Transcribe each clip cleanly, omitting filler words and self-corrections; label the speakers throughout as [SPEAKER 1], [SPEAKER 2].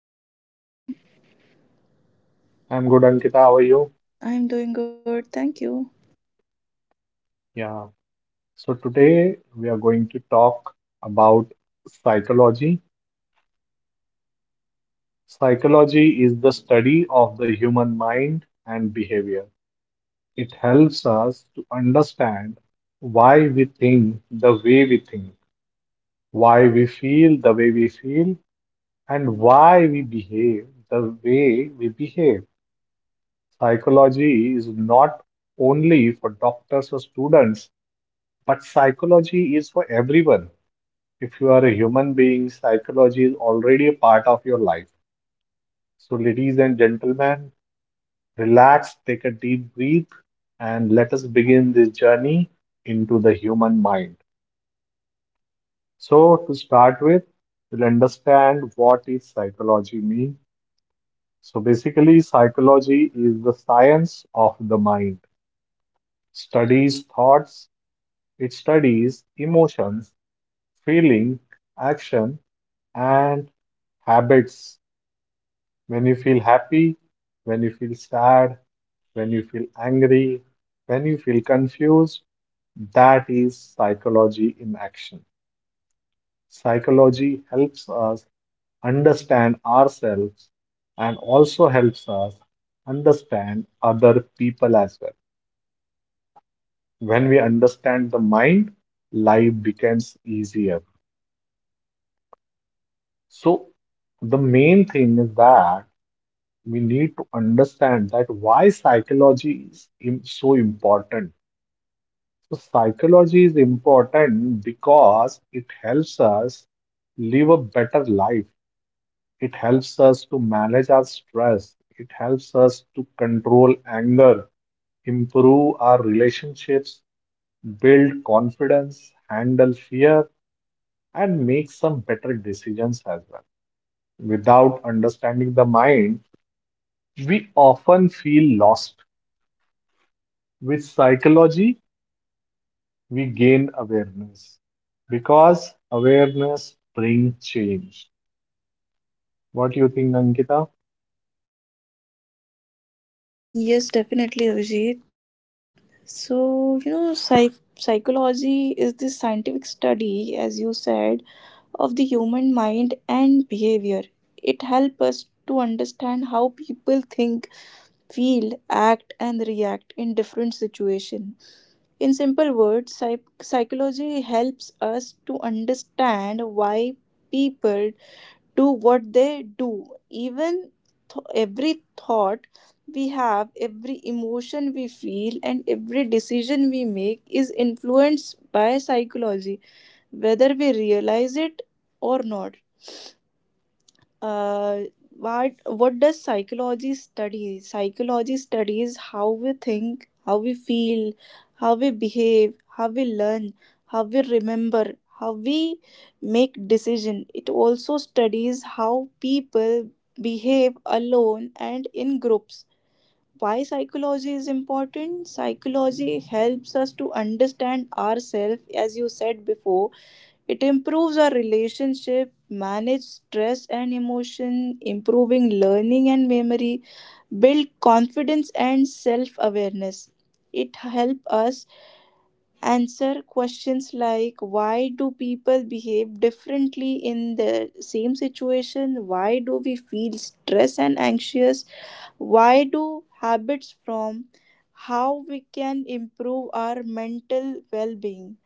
[SPEAKER 1] Hi Abhijit, how are you?
[SPEAKER 2] I'm good, Ankita. How are you?
[SPEAKER 1] I'm doing good, thank you.
[SPEAKER 2] Yeah. So, today we are going to talk about psychology. Psychology is the study of the human mind and behavior. It helps us to understand why we think the way we think, why we feel the way we feel, and why we behave the way we behave. Psychology is not only for doctors or students, but psychology is for everyone. If you are a human being, psychology is already a part of your life. So, ladies and gentlemen, relax, take a deep breath, and let us begin this journey into the human mind. So, to start with, we'll understand what is psychology mean. So basically, psychology is the science of the mind. Studies thoughts, it studies emotions, feeling, action, and habits. When you feel happy, when you feel sad, when you feel angry, when you feel confused, that is psychology in action. Psychology helps us understand ourselves and also helps us understand other people as well. When we understand the mind, life becomes easier. So, the main thing is that we need to understand that why psychology is so important. So, psychology is important because it helps us live a better life. It helps us to manage our stress. It helps us to control anger, improve our relationships, build confidence, handle fear, and make some better decisions as well. Without understanding the mind, we often feel lost. With psychology, we gain awareness because awareness brings change. What do you think, Ankita?
[SPEAKER 1] Yes, definitely Abhijit. Psychology is the scientific study, as you said, of the human mind and behavior. It helps us to understand how people think, feel, act, and react in different situations. In simple words, psychology helps us to understand why people do what they do. Even every thought we have, every emotion we feel, and every decision we make is influenced by psychology, whether we realize it or not uh, what does psychology study? Psychology studies how we think, how we feel, how we behave, how we learn, how we remember, how we make decision. It also studies how people behave alone and in groups. Why psychology is important? Psychology helps us to understand ourselves. As you said before, it improves our relationship, manage stress and emotion, improving learning and memory, build confidence and self-awareness. It help us answer questions like why do people behave differently in the same situation? Why do we feel stress and anxious? Why do habits form? How we can improve our mental well-being?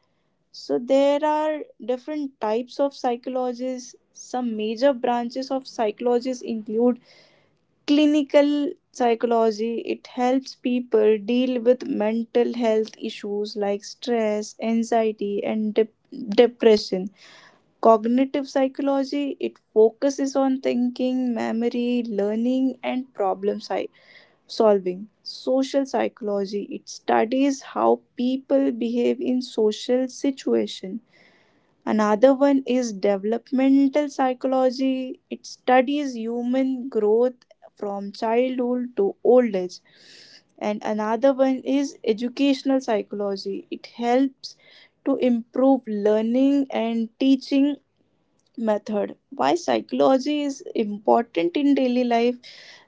[SPEAKER 1] So there are different types of psychologists. Some major branches of psychologists include clinical psychology. It helps people deal with mental health issues like stress, anxiety, and depression. Cognitive psychology, it focuses on thinking, memory, learning, and solving. Social psychology, it studies how people behave in social situations. Another one is developmental psychology. It studies human growth from childhood to old age. And another one is educational psychology. It helps to improve learning and teaching method. Why psychology is important in daily life?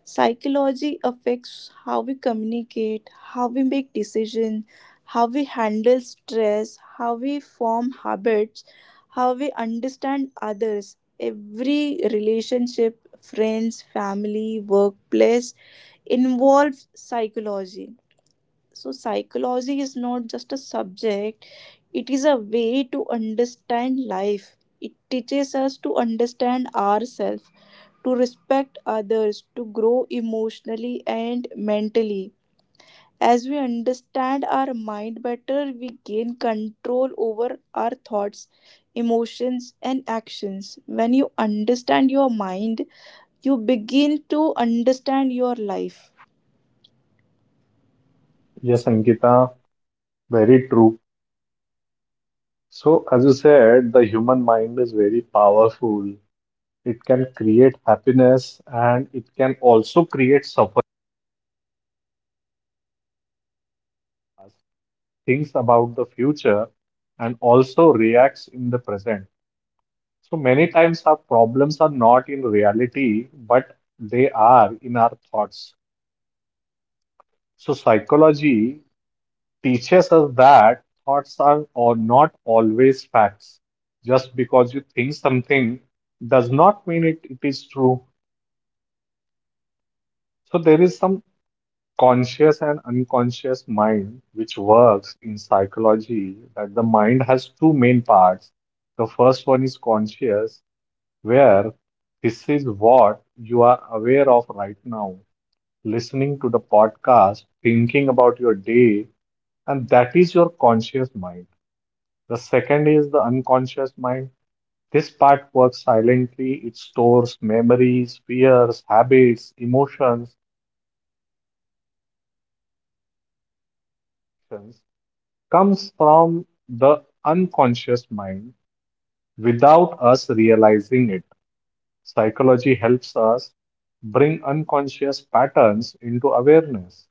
[SPEAKER 1] Psychology affects how we communicate, how we make decisions, how we handle stress, how we form habits, how we understand others. Every relationship, friends, family, workplace involves psychology. So, psychology is not just a subject, it is a way to understand life. It teaches us to understand ourselves, to respect others, to grow emotionally and mentally. As we understand our mind better, we gain control over our thoughts, emotions, and actions. When you understand your mind, you begin to understand your life.
[SPEAKER 2] Yes, Ankita, very true. So, as you said, the human mind is very powerful. It can create happiness and it can also create suffering, thinks about the future, and also reacts in the present. So, many times our problems are not in reality, but they are in our thoughts. So, psychology teaches us that thoughts are or not always facts. Just because you think something does not mean it is true. So there is some conscious and unconscious mind, which works in psychology, that the mind has two main parts. The first one is conscious, where this is what you are aware of right now, listening to the podcast, thinking about your day, and that is your conscious mind. The second is the unconscious mind. This part works silently, it stores memories, fears, habits, emotions comes from the unconscious mind without us realizing it. Psychology helps us bring unconscious patterns into awareness.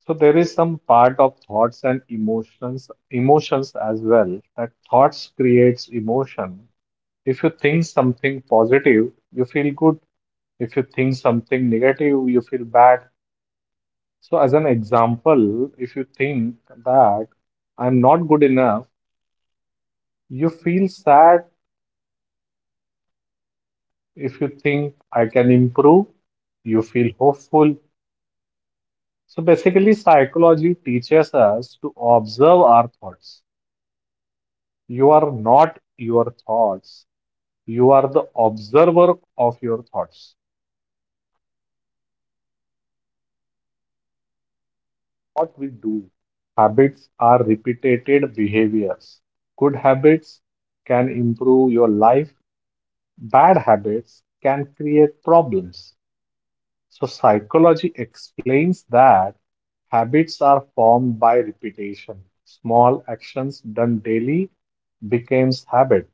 [SPEAKER 2] So there is some part of thoughts and emotions as well, that thoughts creates emotion. If you think something positive, you feel good. If you think something negative, you feel bad. So as an example, if you think that I'm not good enough, you feel sad. If you think I can improve, you feel hopeful. So basically, psychology teaches us to observe our thoughts. You are not your thoughts, you are the observer of your thoughts. What we do, habits are repeated behaviors. Good habits can improve your life, bad habits can create problems. So, psychology explains that habits are formed by repetition. Small actions done daily becomes habit.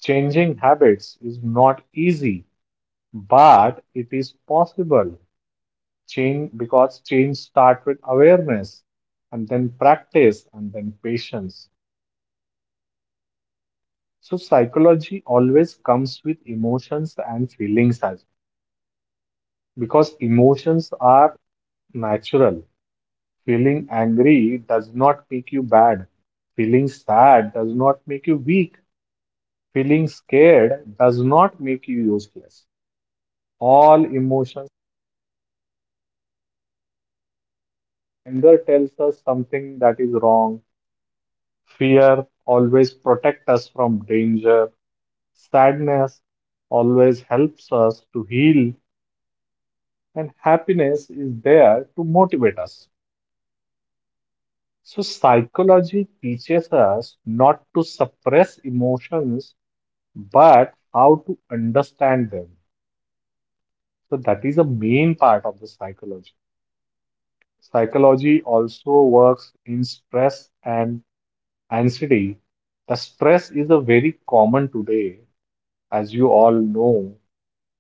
[SPEAKER 2] Changing habits is not easy, but it is possible. Change because change starts with awareness and then practice and then patience. So psychology always comes with emotions and feelings as because emotions are natural. Feeling angry does not make you bad. Feeling sad does not make you weak. Feeling scared does not make you useless. All emotions, anger tells us something that is wrong. Fear always protects us from danger. Sadness always helps us to heal. And happiness is there to motivate us. So, psychology teaches us not to suppress emotions but how to understand them. So that is a main part of the psychology. Psychology also works in stress and anxiety. The stress is a very common today, as you all know,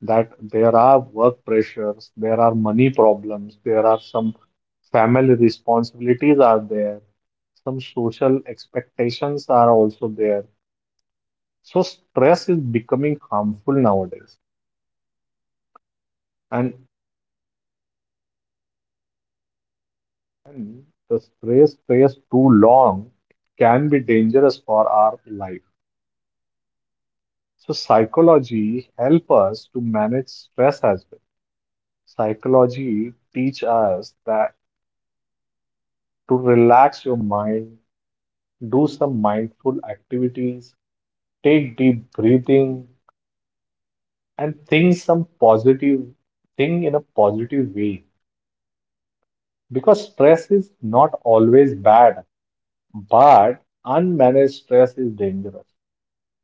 [SPEAKER 2] that there are work pressures, there are money problems, there are some family responsibilities are there, some social expectations are also there. So stress is becoming harmful nowadays. And And the stress stays too long can be dangerous for our life. So psychology help us to manage stress as well. Psychology teach us that to relax your mind, do some mindful activities, take deep breathing, and think some positive thing in a positive way. Because stress is not always bad, but unmanaged stress is dangerous.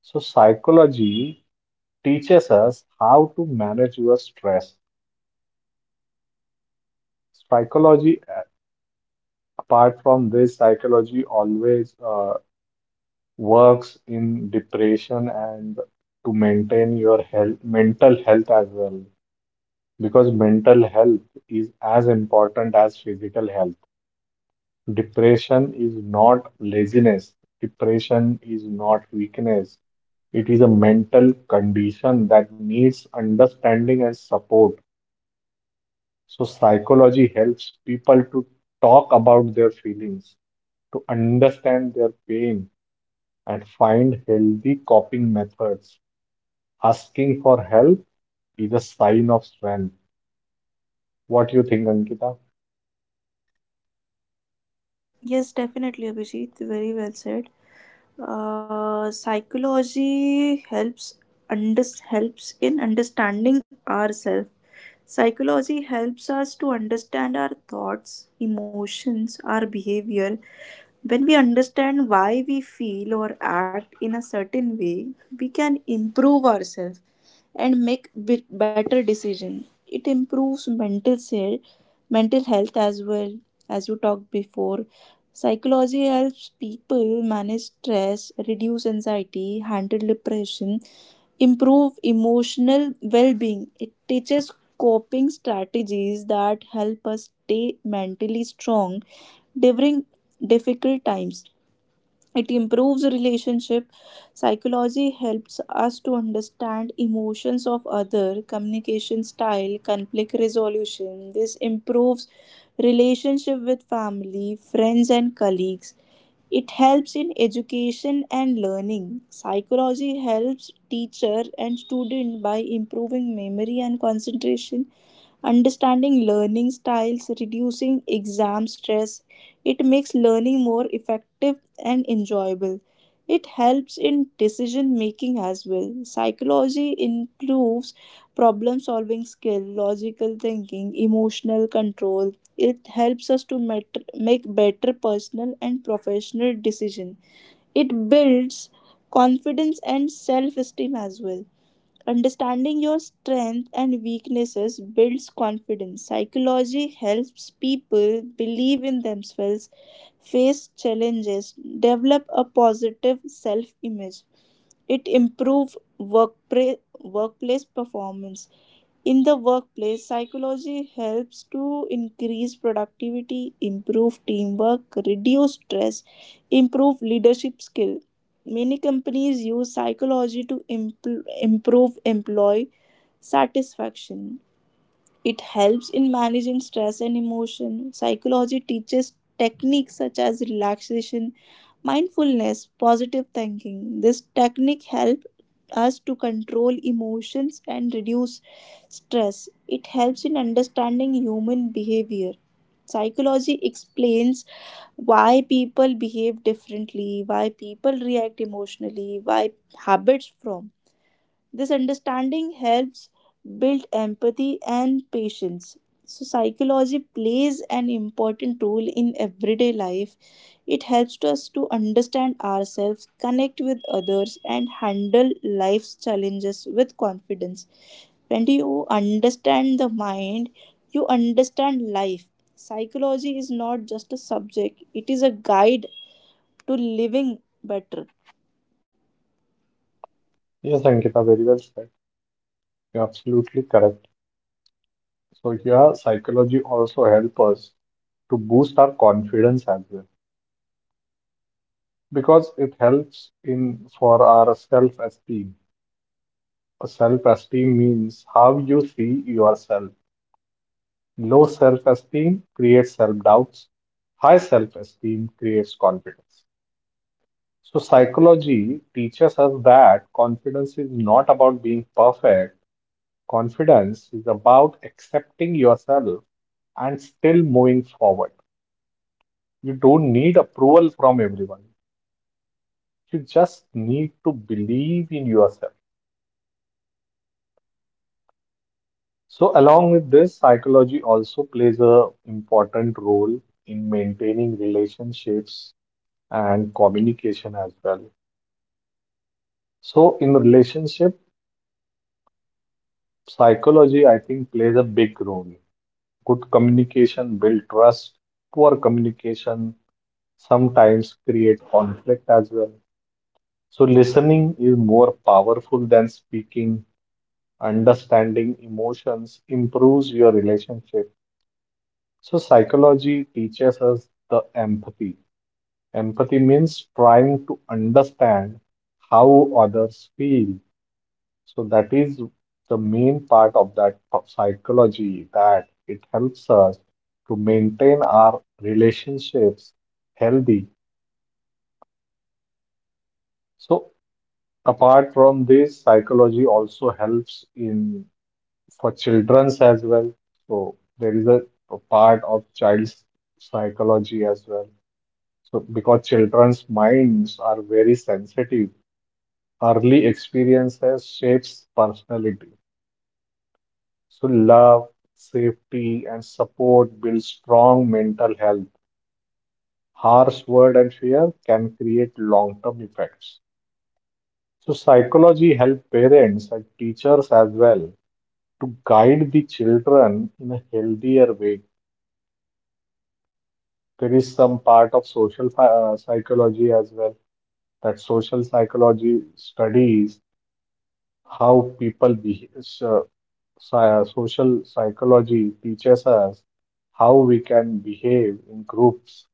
[SPEAKER 2] So psychology teaches us how to manage your stress. Psychology, uh, Apart from this, psychology always works in depression and to maintain your health, mental health as well, because mental health is as important as physical health. Depression is not laziness. Depression is not weakness. It is a mental condition that needs understanding and support. So, psychology helps people to talk about their feelings, to understand their pain, and find healthy coping methods. Asking for help is a sign of strength. What do you think, Ankita?
[SPEAKER 1] Yes, definitely, Abhijit. Very well said. Psychology helps under helps in understanding ourselves. Psychology helps us to understand our thoughts, emotions, our behavior. When we understand why we feel or act in a certain way, we can improve ourselves and make bit better decision. It improves mental health as well, as you talked before. Psychology helps people manage stress, reduce anxiety, handle depression, improve emotional well being. It teaches coping strategies that help us stay mentally strong during difficult times. It improves relationship. Psychology helps us to understand emotions of other, communication style, conflict resolution. This improves relationship with family, friends, and colleagues. It helps in education and learning. Psychology helps teacher and student by improving memory and concentration, understanding learning styles, reducing exam stress. It makes learning more effective and enjoyable. It helps in decision making as well. Psychology improves problem solving skill, logical thinking, emotional control. It helps us to make better personal and professional decision. It builds confidence and self esteem as well. Understanding your strengths and weaknesses builds confidence. Psychology helps people believe in themselves, face challenges, develop a positive self image. It improves workplace performance. In the workplace, psychology helps to increase productivity, improve teamwork, reduce stress, improve leadership skill. Many companies use psychology to improve employee satisfaction. It helps in managing stress and emotion. Psychology teaches techniques such as relaxation, mindfulness, positive thinking. This technique helps us to control emotions and reduce stress. It helps in understanding human behavior. Psychology explains why people behave differently, why people react emotionally, why habits form. This understanding helps build empathy and patience. So, psychology plays an important role in everyday life. It helps us to understand ourselves, connect with others, and handle life's challenges with confidence. When you understand the mind, you understand life. Psychology is not just a subject, it is a guide to living better.
[SPEAKER 2] Yes, Ankita, very well said. You're absolutely correct. So, here, psychology also helps us to boost our confidence as well because it helps in for our self-esteem. Self-esteem means how you see yourself. Low self-esteem creates self-doubts. High self-esteem creates confidence. So psychology teaches us that confidence is not about being perfect. Confidence is about accepting yourself and still moving forward. You don't need approval from everyone. You just need to believe in yourself. So along with this, psychology also plays a important role in maintaining relationships and communication as well. So, in relationship, psychology, I think, plays a big role. Good communication build trust. Poor communication sometimes create conflict as well. So, listening is more powerful than speaking. Understanding emotions improves your relationship. So, psychology teaches us the empathy. Empathy means trying to understand how others feel. So that is the main part of that psychology that it helps us to maintain our relationships healthy. So apart from this, psychology also helps in for children's as well. So there is a part of child's psychology as well. So because children's minds are very sensitive, early experiences shapes personality. So, love, safety, and support build strong mental health. Harsh word and fear can create long-term effects. So, psychology helps parents and teachers as well to guide the children in a healthier way. There is some part of psychology as well that social psychology studies how people behave. Social psychology teaches us how we can behave in groups.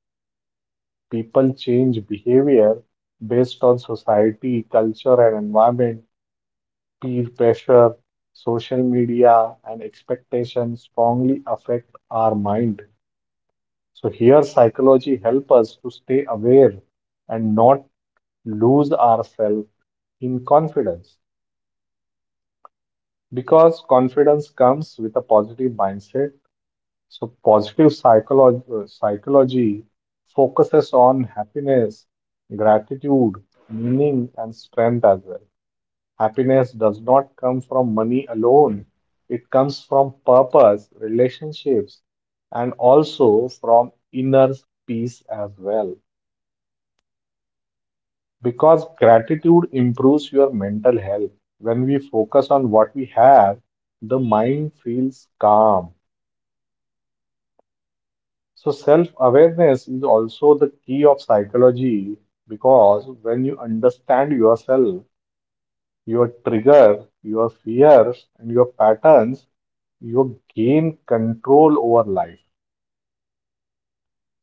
[SPEAKER 2] People change behavior based on society, culture and environment. Peer pressure, social media, and expectations strongly affect our mind. So here psychology help us to stay aware and not lose ourselves in confidence because confidence comes with a positive mindset. So, psychology focuses on happiness, gratitude, meaning, and strength as well. Happiness does not come from money alone, it comes from purpose, relationships, and also from inner peace as well. Because gratitude improves your mental health. When we focus on what we have, the mind feels calm. So self-awareness is also the key of psychology because when you understand yourself, your trigger, your fears, and your patterns, you gain control over life.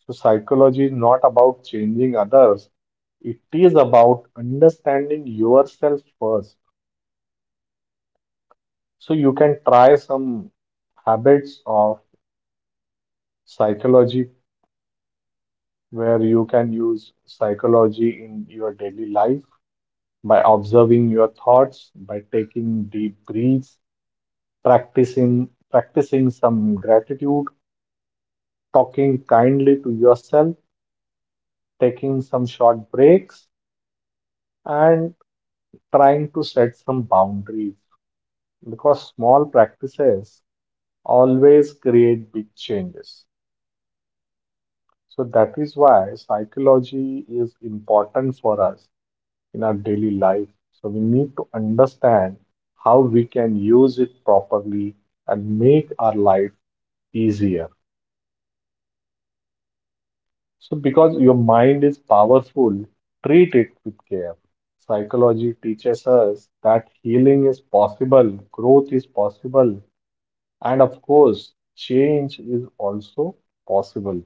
[SPEAKER 2] So psychology is not about changing others. It is about understanding yourself first. So you can try some habits of psychology where you can use psychology in your daily life. By observing your thoughts, by taking deep breaths, practicing some gratitude, talking kindly to yourself, taking some short breaks, and trying to set some boundaries because small practices always create big changes. So that is why psychology is important for us in our daily life. So we need to understand how we can use it properly and make our life easier. So because your mind is powerful, treat it with care. Psychology teaches us that healing is possible, growth is possible, and of course, change is also possible.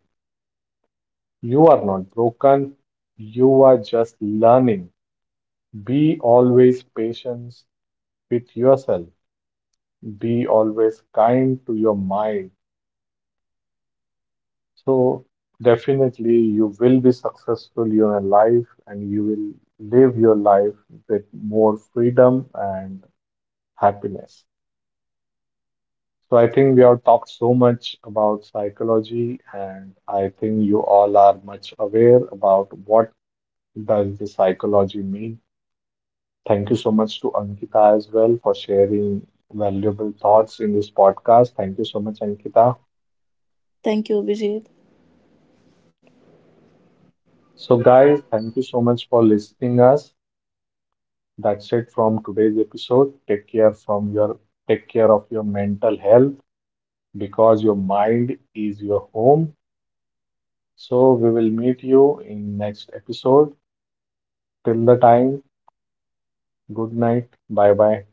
[SPEAKER 2] You are not broken, you are just learning. Be always patient with yourself. Be always kind to your mind. So, definitely, you will be successful in your life and you will live your life with more freedom and happiness. So, I think we have talked so much about psychology, and I think you all are much aware about what does the psychology mean. Thank you so much to Ankita as well for sharing valuable thoughts in this podcast. Thank you so much, Ankita.
[SPEAKER 1] Thank you, Abhijit.
[SPEAKER 2] So, guys, thank you so much for listening us. That's it from today's episode. Take care from your take care of your mental health because your mind is your home. So we will meet you in next episode. Till the time, good night. Bye bye.